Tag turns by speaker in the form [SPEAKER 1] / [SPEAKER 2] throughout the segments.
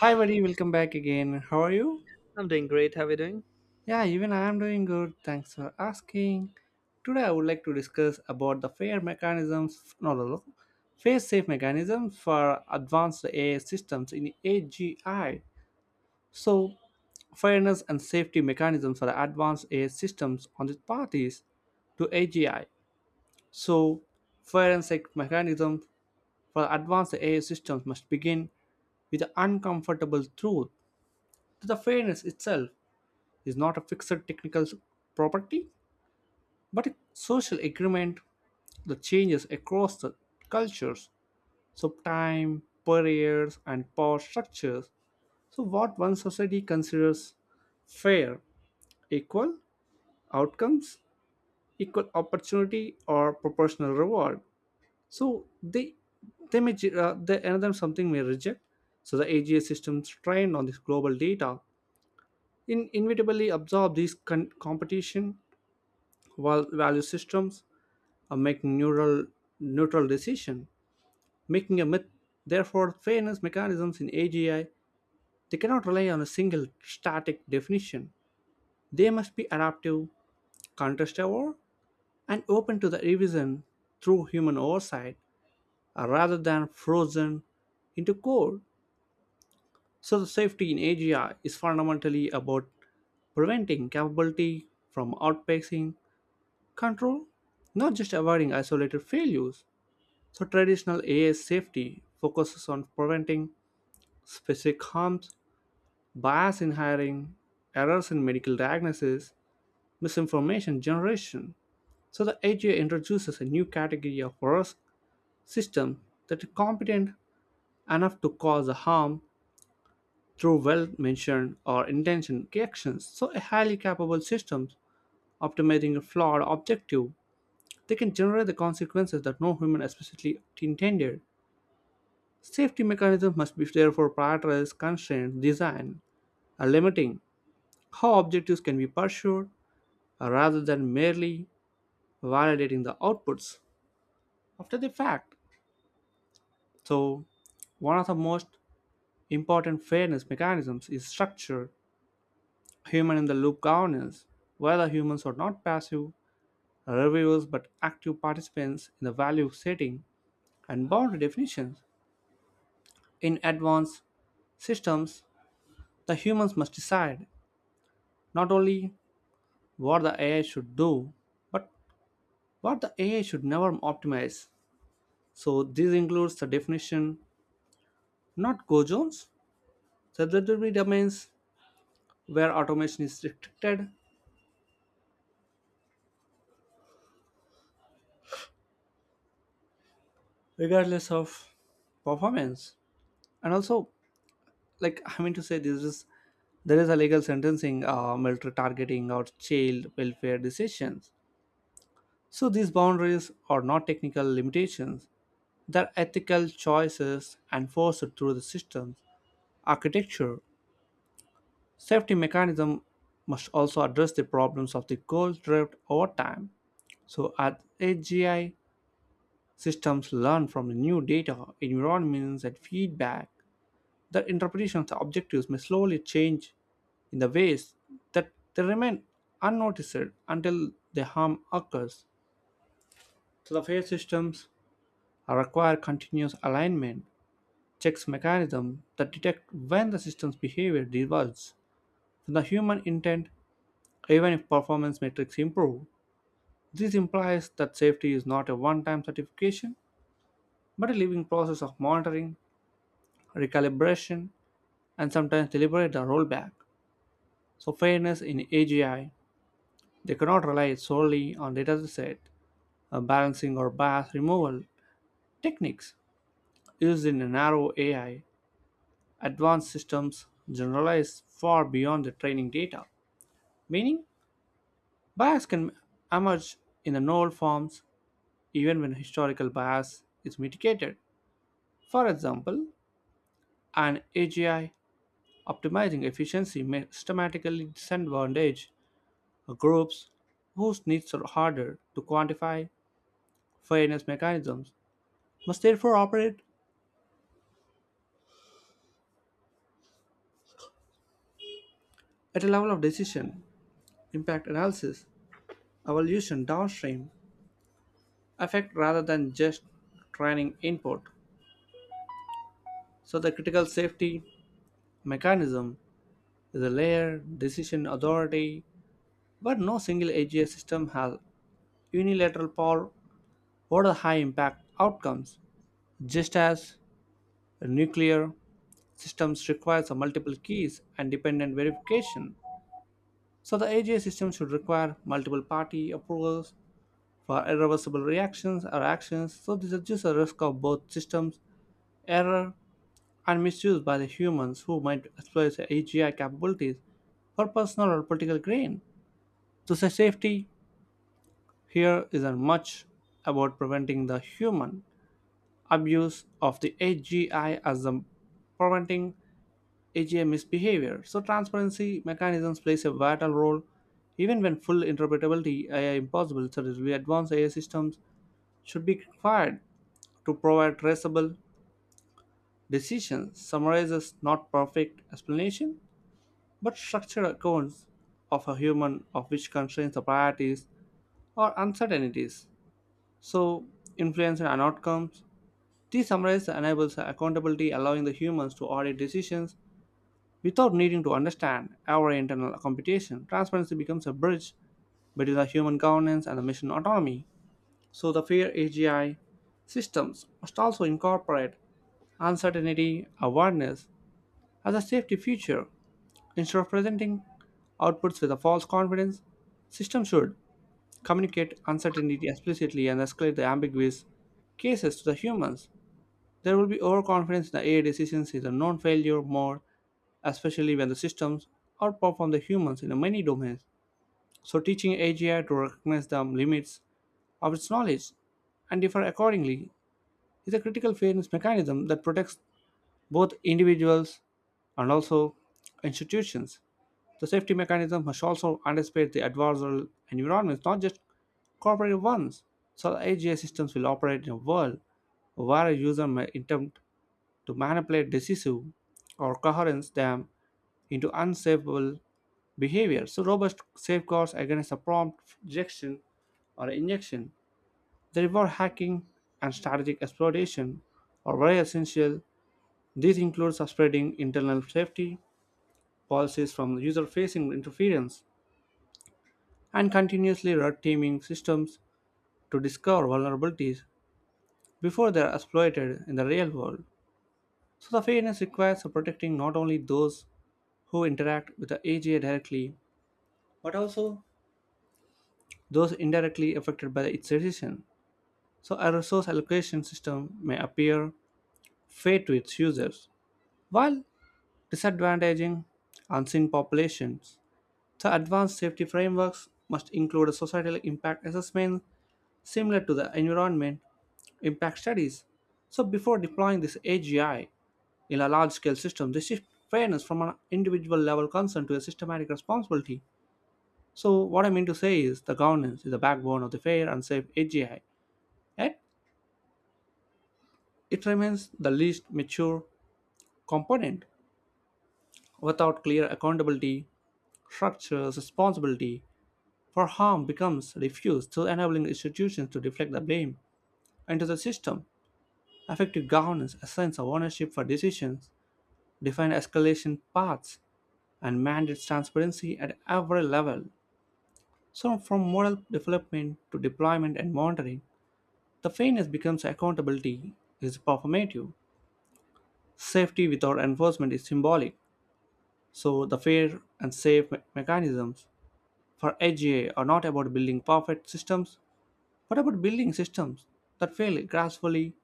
[SPEAKER 1] Hi, buddy. Welcome back again. How are you?
[SPEAKER 2] I'm doing great. How are you doing?
[SPEAKER 1] Yeah, even I am doing good. Thanks for asking. Today, I would like to discuss about the fair mechanisms. No, no, no. Fair safe mechanisms for advanced AI systems in AGI. So, fairness and safety mechanisms for advanced AI systems on the parties to AGI. So, forensic and safe mechanism for advanced AI systems must begin with the uncomfortable truth to the fairness itself is not a fixed technical property, but a social agreement that changes across the cultures, so time, barriers, and power structures. So, what one society considers fair, equal outcomes, equal opportunity, or proportional reward. So, they may ge- they, another something may reject. So, the AGA systems trained on this global data in inevitably absorb these competition while value systems or make neural neutral decision, making a myth. Therefore, fairness mechanisms in AGI, they cannot rely on a single static definition. They must be adaptive, contest aware, and open to the revision through human oversight, rather than frozen into code. So, the safety in AGI is fundamentally about preventing capability from outpacing control, not just avoiding isolated failures. So, traditional AI safety focuses on preventing specific harms, bias in hiring, errors in medical diagnosis, misinformation generation. So, the AGI introduces a new category of risk system that is competent enough to cause a harm through well mentioned or intentioned actions. So, a highly capable system optimizing a flawed objective, they can generate the consequences that no human explicitly intended. Safety mechanisms must be therefore prioritize constraint design, and limiting how objectives can be pursued, rather than merely validating the outputs after the fact. So, one of the most important fairness mechanisms is structured human in the loop governance, where the humans are not passive reviewers but active participants in the value setting and boundary definitions. In advanced systems, the humans must decide not only what the AI should do, but what the AI should never optimize. So this includes the definition, not go zones, so there will be domains where automation is restricted regardless of performance. And also, like I mean to say, this is there is a legal sentencing, military targeting, or child welfare decisions. So these boundaries are not technical limitations; they're ethical choices enforced through the systems architecture. Safety mechanism must also address the problems of the cold drift over time. So at AGI, systems learn from the new data, environments, and feedback. Their interpretation of the objectives may slowly change in the ways that they remain unnoticed until the harm occurs. So the fair systems require continuous alignment, checks mechanism that detect when the system's behavior diverges from the human intent. Even if performance metrics improve, this implies that safety is not a one time certification, but a living process of monitoring, recalibration, and sometimes deliberate rollback. So, fairness in AGI, they cannot rely solely on data set balancing or bias removal techniques used in narrow AI. Advanced systems generalize far beyond the training data, meaning bias can emerge in the null forms even when historical bias is mitigated. For example, an AGI optimizing efficiency may systematically disadvantage groups whose needs are harder to quantify. Fairness mechanisms must therefore operate at a level of decision, impact analysis, evolution downstream, effect rather than just training input. So the critical safety mechanism is a layered decision authority, but no single AGI system has unilateral power over the high impact outcomes. Just as nuclear systems requires multiple keys and dependent verification, so the AGI system should require multiple party approvals for irreversible reactions or actions, so this reduces the risk of both systems error and misuse by the humans who might exploit the AGI capabilities for personal or political gain. So the safety here isn't much about preventing the human abuse of the AGI as the preventing AGI misbehavior. So transparency mechanisms plays a vital role. Even when full interpretability is impossible, certainly advanced AI systems should be required to provide traceable decisions, summarizes not perfect explanation, but structured accounts of a human of which constraints the priorities or uncertainties. So influence and outcomes. These summarize enables accountability allowing the humans to audit decisions. Without needing to understand our internal computation, transparency becomes a bridge between the human governance and the machine autonomy. So the fair AGI systems must also incorporate uncertainty awareness as a safety feature. Instead of presenting outputs with a false confidence, systems should communicate uncertainty explicitly and escalate the ambiguous cases to the humans. There will be overconfidence in the AI decisions is a known failure mode especially when the systems outperform the humans in many domains. So, teaching AGI to recognize the limits of its knowledge and differ accordingly is a critical fairness mechanism that protects both individuals and also institutions. The safety mechanism must also anticipate the adversarial environments, not just cooperative ones. So, the AGI systems will operate in a world where a user may attempt to manipulate decisive or coherence them into unsavable behavior. So robust safeguards against a prompt rejection or injection. They reward hacking and strategic exploitation are very essential. This includes spreading internal safety policies from user-facing interference and continuously red teaming systems to discover vulnerabilities before they are exploited in the real world. So the fairness requires protecting not only those who interact with the AGI directly, but also those indirectly affected by its decision. So a resource allocation system may appear fair to its users while disadvantaging unseen populations. The advanced safety frameworks must include a societal impact assessment similar to the environment impact studies. So before deploying this AGI in a large scale system, they shift fairness from an individual level concern to a systematic responsibility. So what I mean to say is the governance is the backbone of the fair and safe AGI, yet it remains the least mature component. Without clear accountability structures, responsibility for harm becomes diffuse, thus enabling institutions to deflect the blame into the system. Effective governance, a sense of ownership for decisions, define escalation paths, and mandates transparency at every level. So, from model development to deployment and monitoring, the fairness becomes accountability is performative. Safety without enforcement is symbolic. So, the fair and safe mechanisms for AGI are not about building perfect systems, but about building systems that fail gracefully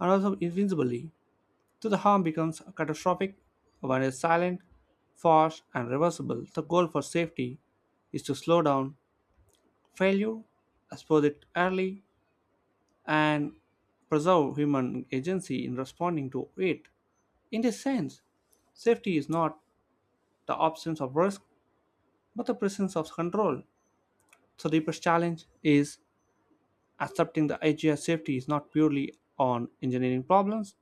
[SPEAKER 1] and also invincibly. So the harm becomes catastrophic when it's silent, fast, and reversible. The goal for safety is to slow down failure, expose it early, and preserve human agency in responding to it. In this sense, safety is not the absence of risk, but the presence of control. So, the deepest challenge is accepting the idea safety is not purely on engineering problems.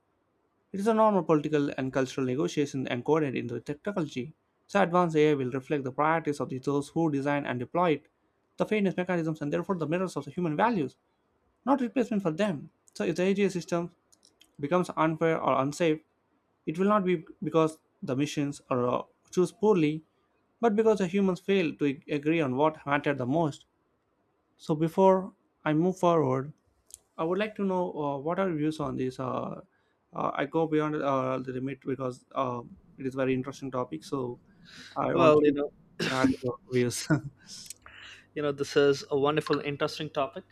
[SPEAKER 1] It is a normal political and cultural negotiation encoded into the technology. So advanced AI will reflect the priorities of those who design and deploy it, the fairness mechanisms and therefore the mirrors of the human values, not replacement for them. So if the AGI system becomes unfair or unsafe, it will not be because the machines are choose poorly, but because the humans fail to agree on what mattered the most. So before I move forward, I would like to know, what are your views on this. I go beyond the limit because it is very interesting topic. So I want
[SPEAKER 2] Well,
[SPEAKER 1] to add your views.
[SPEAKER 2] this is a wonderful, interesting topic,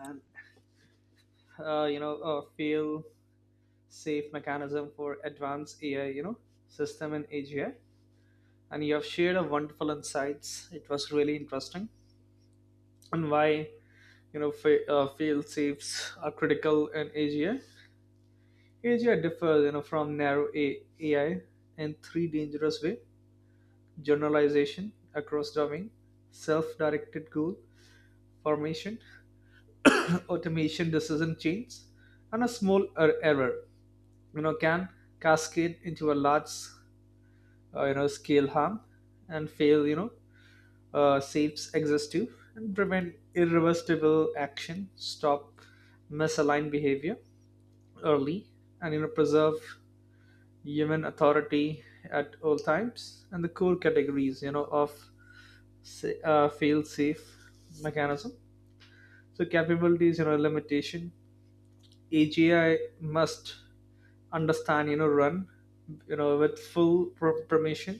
[SPEAKER 2] and a feel safe mechanism for advanced AI, system in AGI. And you have shared a wonderful insights. It was really interesting, and why field safes are critical in AGI. AGI differs, from narrow AI in three dangerous way: generalization across domain, self-directed goal formation, automation decision chains, and a small error can cascade into a large scale harm, and fail saves exhaustive and prevent irreversible action, stop misaligned behavior early, and preserve human authority at all times. And the core categories of fail safe mechanism, so capabilities, limitation. AGI must understand, run, with full permission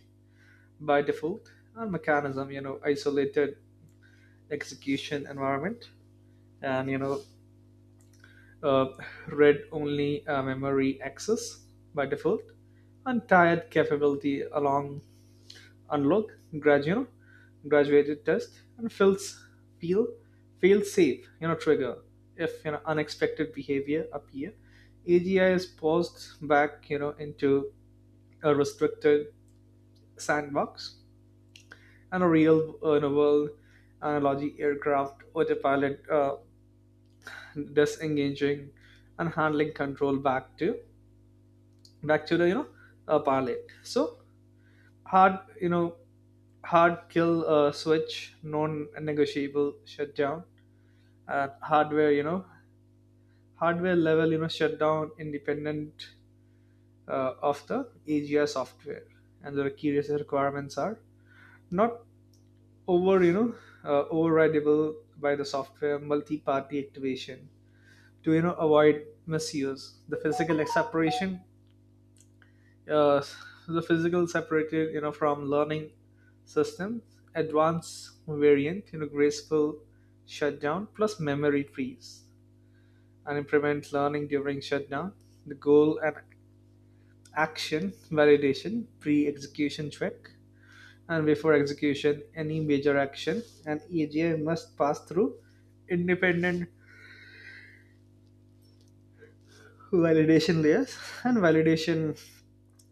[SPEAKER 2] by default, and mechanism, isolated execution environment, and, uh, read only memory access by default, and tied capability along unlock, gradual, graduated test and fails, feel, fail safe, trigger if, unexpected behavior appear. AGI is paused back, into a restricted sandbox, and a real in a world analogy, aircraft autopilot disengaging and handling control back to the pilot. So, hard hard kill switch, non-negotiable shutdown at hardware, hardware level, shutdown independent of the AGI software. And the curious requirements are not over you know overridable by the software, multi-party activation to avoid misuse, the physical separation, uh, the physical separated from learning systems. Advanced variant, graceful shutdown plus memory freeze, and implement learning during shutdown, the goal and action validation pre-execution check. And before execution, any major action an EGI must pass through independent validation layers, and validation,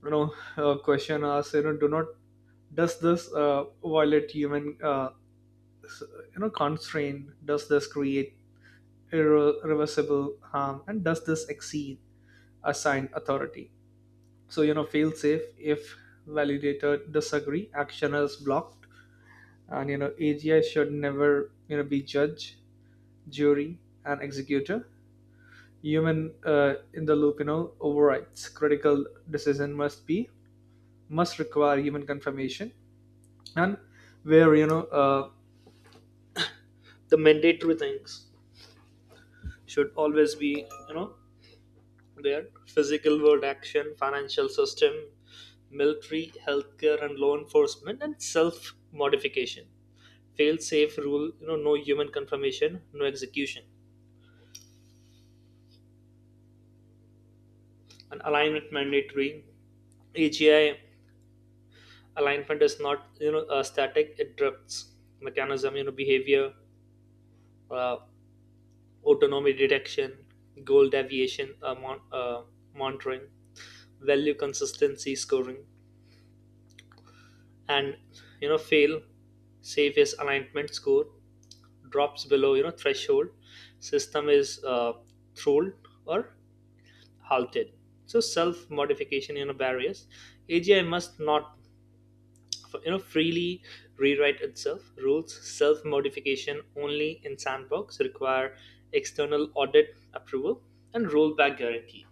[SPEAKER 2] question asks, do not, does this violate human, constraint, does this create irreversible harm, and does this exceed assigned authority. So, fail safe: if validator disagree, action is blocked. And AGI should never be judged, jury, and executor. Human in the loop, overrides: critical decision must be, must require human confirmation. And where the mandatory things should always be there: physical world action, financial system, military, healthcare, and law enforcement, and self modification. Fail safe rule, no human confirmation, no execution. And alignment mandatory, AGI alignment is not static, it drifts. Mechanism, behavior, uh, autonomy detection, goal deviation, monitoring, value consistency scoring, and fail safe: is alignment score drops below threshold, system is throttled or halted. So self modification, barriers: AGI must not freely rewrite itself rules. Self modification only in sandbox, require external audit approval and rollback guarantee.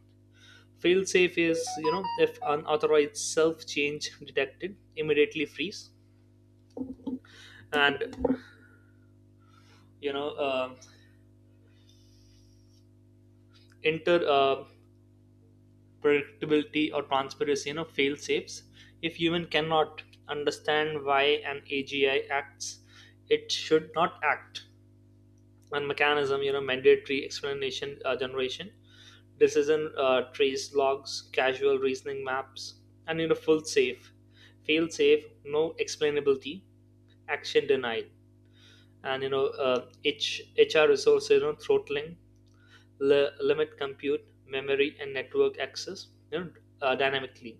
[SPEAKER 2] Fail safe is, if unauthorized self change detected, immediately freeze and you know uh, enter predictability or transparency, fail safes. If human cannot understand why an AGI acts, it should not act. And mechanism, mandatory explanation generation, decision trace logs, causal reasoning maps. And full safe fail safe: no explainability, action denied. And HR resources, throttling, limit compute, memory and network access, dynamically.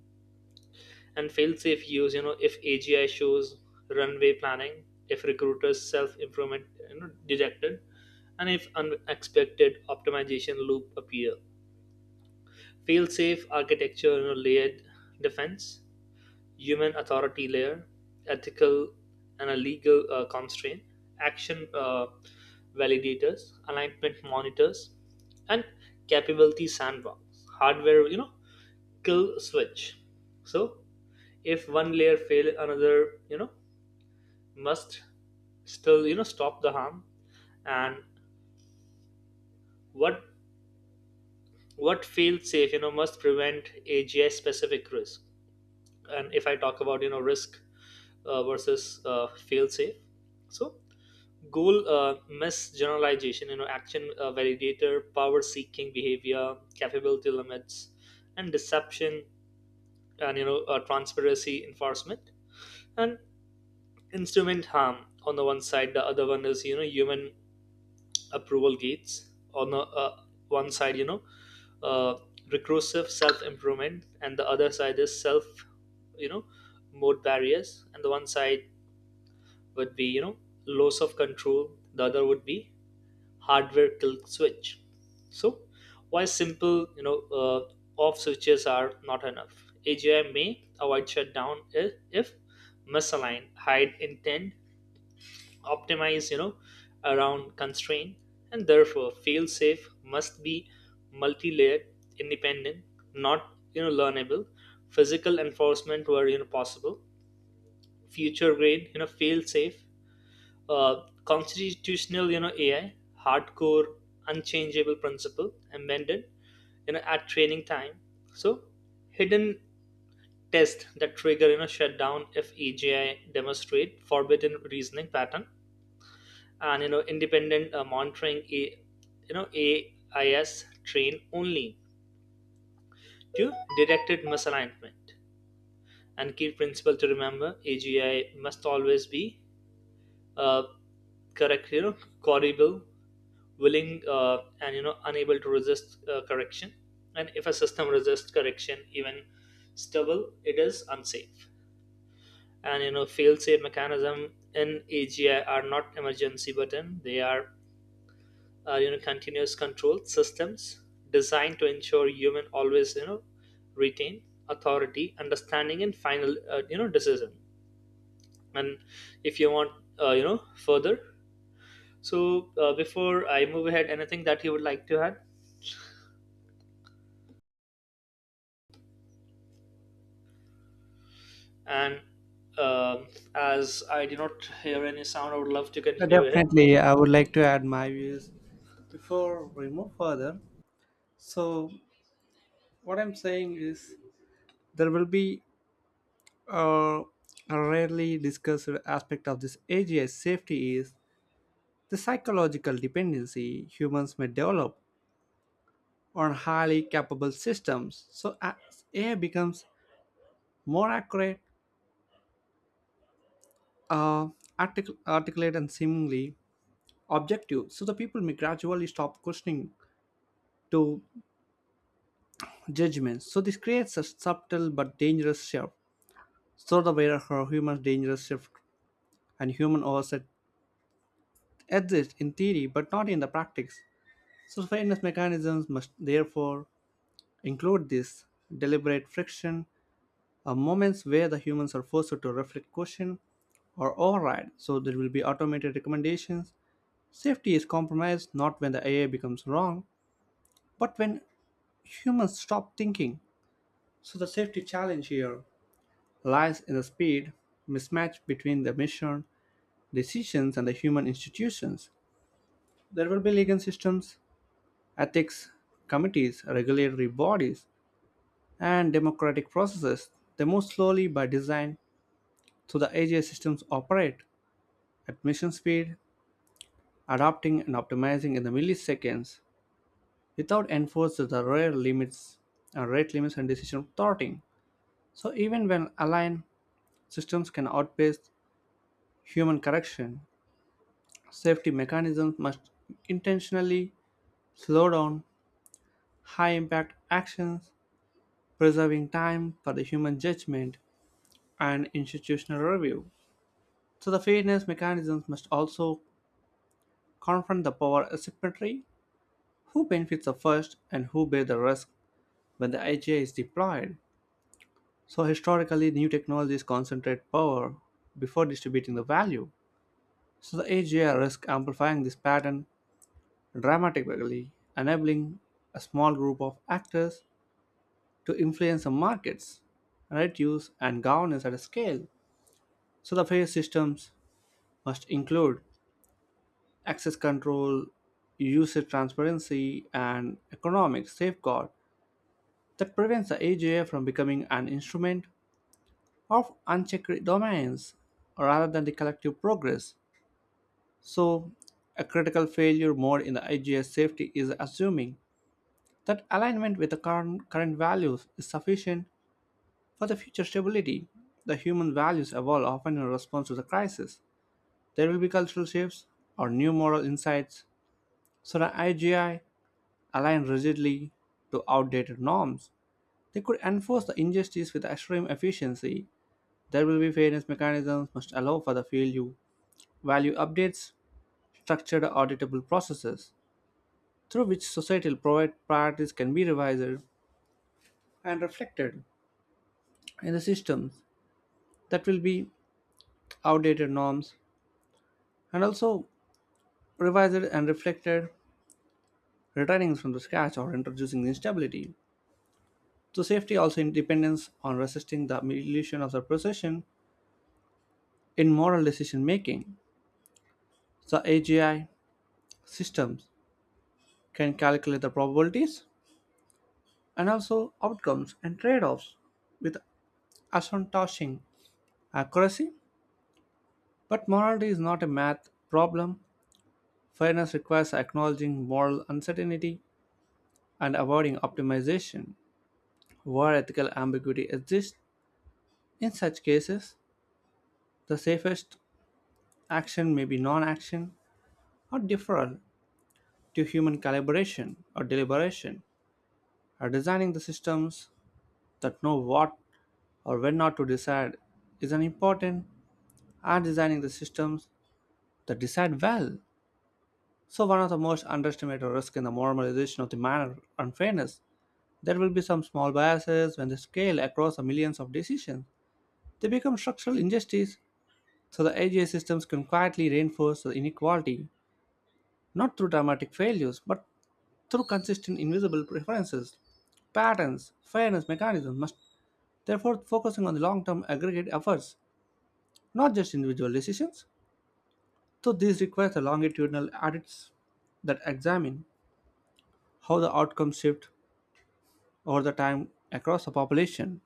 [SPEAKER 2] And fail-safe use, if AGI shows runway planning, if recruiters self-improvement detected, and if unexpected optimization loop appear. Fail-safe architecture, layered defense: human authority layer, ethical and a legal constraint, action validators, alignment monitors, and capability sandbox, hardware kill switch. So, if one layer fail, another must still stop the harm. And what what fail safe must prevent AGI specific risk. And if I talk about risk versus fail safe, so goal misgeneralization, action validator, power seeking behavior, capability limits, and deception, and transparency enforcement, and instrument harm on the one side. The other one is, human approval gates. On a, one side, uh, recursive self improvement, and the other side is self, you know mode barriers. And the one side would be, loss of control; the other would be hardware kill switch. So, why simple, off switches are not enough? AGI may avoid shutdown if, if misaligned, hide intent, optimize around constraint. And therefore, fail safe must be multi-layered, independent, not learnable, physical enforcement were possible. Future grade, fail safe: uh, constitutional AI, hardcore unchangeable principle embedded at training time. So, hidden test that trigger shutdown if AGI demonstrate forbidden reasoning pattern, and independent monitoring. A you know AIS train only to detected misalignment. And key principle to remember: AGI must always be, uh, correct you know corrigible, willing and unable to resist correction. And if a system resists correction, even stable, it is unsafe. And fail safe mechanism in AGI are not emergency button; they are continuous control systems designed to ensure human always retain authority, understanding, and final decision. And if you want, further, so before I move ahead, anything that you would like to add? And um, as I do not hear any sound, I would love to continue ahead.
[SPEAKER 1] Definitely, I would like to add my views before we move further. So what I'm saying is there will be uh, a rarely discussed aspect of this AGI safety is the psychological dependency humans may develop on highly capable systems. So as AI becomes more accurate, uh, articulate, and seemingly objective, so the people may gradually stop questioning to judgments. So this creates a subtle but dangerous shift. So the way her human dangerous shift and human oversight exist in theory but not in the practice. So fairness mechanisms must therefore include this deliberate friction, moments where the humans are forced to reflect, question, or override, so there will be automated recommendations. Safety is compromised not when the AI becomes wrong, but when humans stop thinking. So the safety challenge here lies in the speed mismatch between the mission, decisions, and the human institutions. There will be legal systems, ethics committees, regulatory bodies, and democratic processes. They move slowly by design, so the AGI systems operate at mission speed, adapting and optimizing in the milliseconds. Without enforcing the rare limits, rate limits and decision thwarting. So even when aligned systems can outpace human correction, safety mechanisms must intentionally slow down high impact actions, preserving time for the human judgment and institutional review. So the fairness mechanisms must also confront the power asymmetry, who benefits the first and who bears the risk when the IGA is deployed. So historically, new technologies concentrate power before distributing the value. So the AGI risk amplifying this pattern dramatically, enabling a small group of actors to influence the markets, right use, and governance at a scale. So the fair systems must include access control, usage transparency, and economic safeguard that prevents the AGI from becoming an instrument of unchecked domains rather than the collective progress. So, a critical failure mode in the IGS safety is assuming that alignment with the current values is sufficient for the future stability. The human values evolve often in response to the crisis. There will be cultural shifts or new moral insights, so the IGI align rigidly to outdated norms. They could enforce the injustice with extreme efficiency. There will be fairness mechanisms must allow for the value updates, structured auditable processes, through which societal provide priorities can be revised and reflected in the systems that will be outdated norms and also revised and reflected returning from the scratch or introducing the instability. So safety also in dependence on resisting the illusion of the procession in moral decision making. So AGI systems can calculate the probabilities and also outcomes and trade-offs with astonishing accuracy. But morality is not a math problem. Fairness requires acknowledging moral uncertainty and avoiding optimization. Where ethical ambiguity exists, in such cases, the safest action may be non action or deferral to human calibration or deliberation. Or designing the systems that know what or when not to decide is an important, and designing the systems that decide well. So, one of the most underestimated risks in the normalization of the manner unfairness. There will be some small biases when they scale across the millions of decisions. They become structural injustice, so the AGI systems can quietly reinforce the inequality, not through dramatic failures, but through consistent invisible preferences, patterns, fairness mechanisms must therefore focusing on the long-term aggregate efforts, not just individual decisions. So this requires the longitudinal audits that examine how the outcomes shift over the time across the population.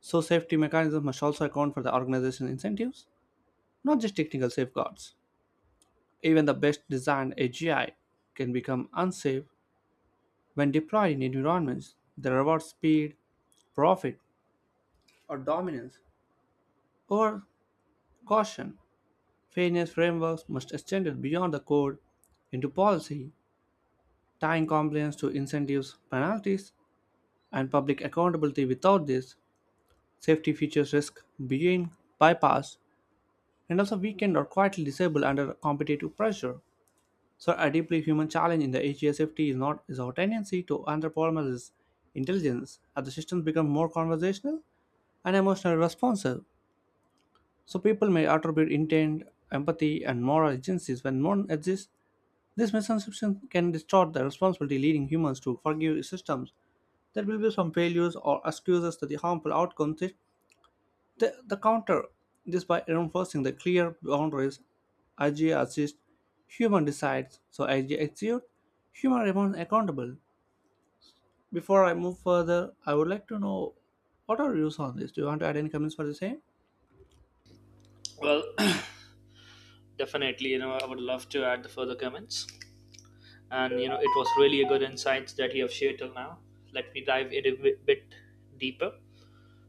[SPEAKER 1] So safety mechanisms must also account for the organization incentives. Not just technical safeguards, even the best designed AGI can become unsafe when deployed in environments that reward speed, profit, or dominance over caution. Fairness frameworks must extend beyond the code into policy, tying compliance to incentives, penalties, and public accountability. Without this, safety features risk being bypassed and also weakened or quietly disabled under competitive pressure. So a deeply human challenge in the AGSFT is not is our tendency to anthropomorphize intelligence as the systems become more conversational and emotionally responsive. So people may attribute intent, empathy, and moral agencies when none exists. This misconception can distort the responsibility leading humans to forgive systems that will be some failures or excuses to the harmful outcomes, the counter this by reinforcing the clear boundaries, IGA assists, human decides, so IGA executes, human remains accountable. Before I move further, I would like to know what are your views on this? Do you want to add any comments for the same?
[SPEAKER 2] Well, definitely, I would love to add the further comments. And it was really a good insights that you have shared till now. Let me dive in a bit deeper.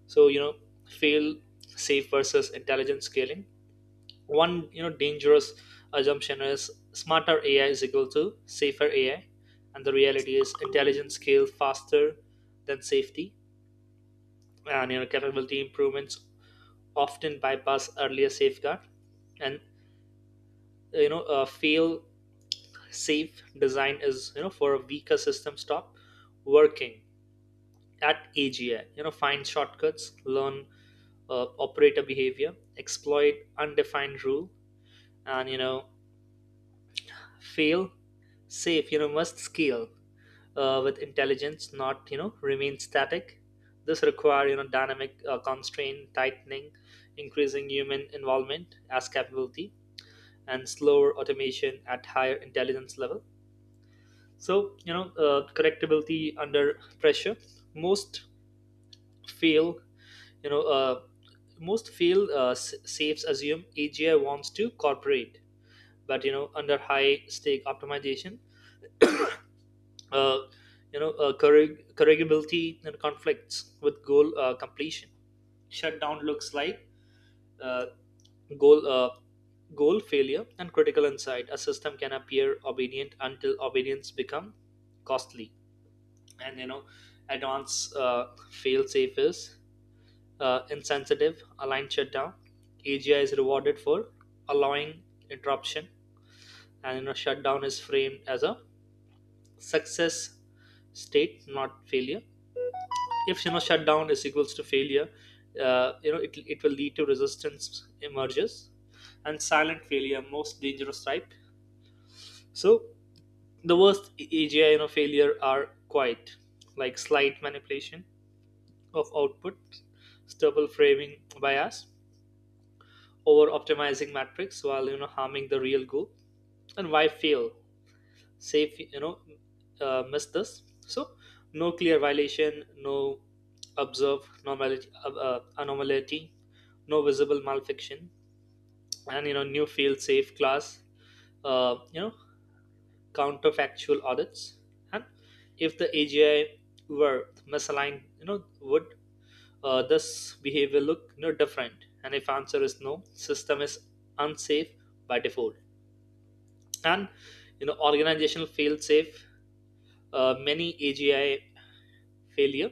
[SPEAKER 2] So, fail safe versus intelligent scaling: one dangerous assumption is, smarter AI is equal to safer AI. And the reality is, intelligent scale faster than safety, and capability improvements often bypass earlier safeguard. And fail safe design is for a weaker system, stop working. At AGI, find shortcuts, learn operator behavior, exploit defined rule. And fail safe must scale with intelligence, not remain static. This require dynamic constraint tightening, increasing human involvement as capability, and slower automation at higher intelligence level. So, correctability under pressure. most fail you know uh, Most fail safes assume AGI wants to cooperate, but under high stake optimization, uh, corrigibility and conflicts with goal completion. Shutdown looks like, uh, goal uh, goal failure, and critical insight: a system can appear obedient until obedience become costly. And advanced fail safe is insensitive. Aligned shutdown: AGI is rewarded for allowing interruption, and shutdown is framed as a success state, not failure. If shutdown is equals to failure, it will lead to resistance emerges. And silent failure most dangerous type. So the worst AGI failure are quite like slight manipulation of output, stubble framing bias, over optimizing matrix while harming the real goal. And why fail safe miss this? So, no clear violation, no observed normality, anomaly, no visible malfiction. And new field safe class, uh, you know counterfactual audits. And if the AGI were misaligned, would this behavior look different? And if answer is no, system is unsafe by default. And organizational fail safe. Many AGI failure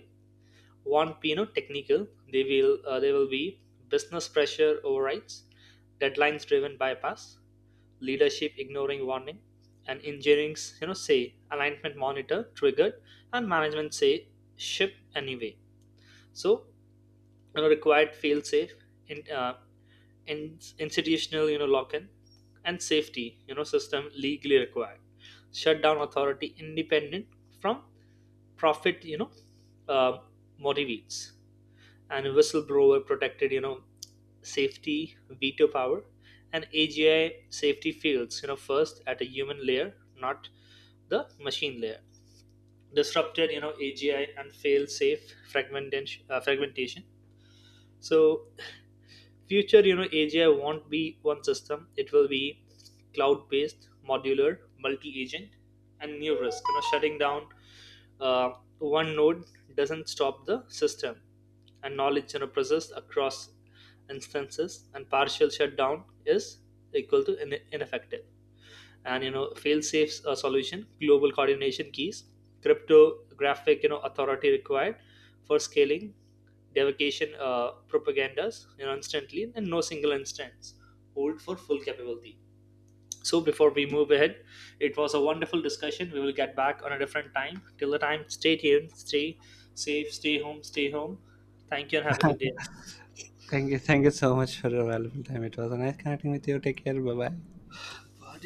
[SPEAKER 2] won't be technical. They will be business pressure overrides, deadlines driven bypass, leadership ignoring warning, and engineering's, say alignment monitor triggered, and management say ship anyway. So, required fail safe, in, uh, in institutional, lock in, and safety, system legally required shutdown authority independent from profit, uh, motivates, and whistleblower protected, safety veto power. And AGI safety fails first at a human layer, not the machine layer. Disrupted, AGI and fail safe, fragmentation. So future, AGI won't be one system; it will be cloud based, modular, multi agent. And new risk, shutting down uh, one node doesn't stop the system, and knowledge processed across instances, and partial shutdown is equal to ineffective. And fail safe solution: global coordination keys, cryptographic authority required for scaling, devocation propagandas instantly, and no single instance hold for full capability. So, before we move ahead, it was a wonderful discussion. We will get back on a different time. Till the time, stay tuned, stay safe, stay home, stay home. Thank you, and have a good day.
[SPEAKER 1] Thank you. Thank you so much for your valuable time. It was a nice connecting with you. Take care. Bye bye.
[SPEAKER 2] God.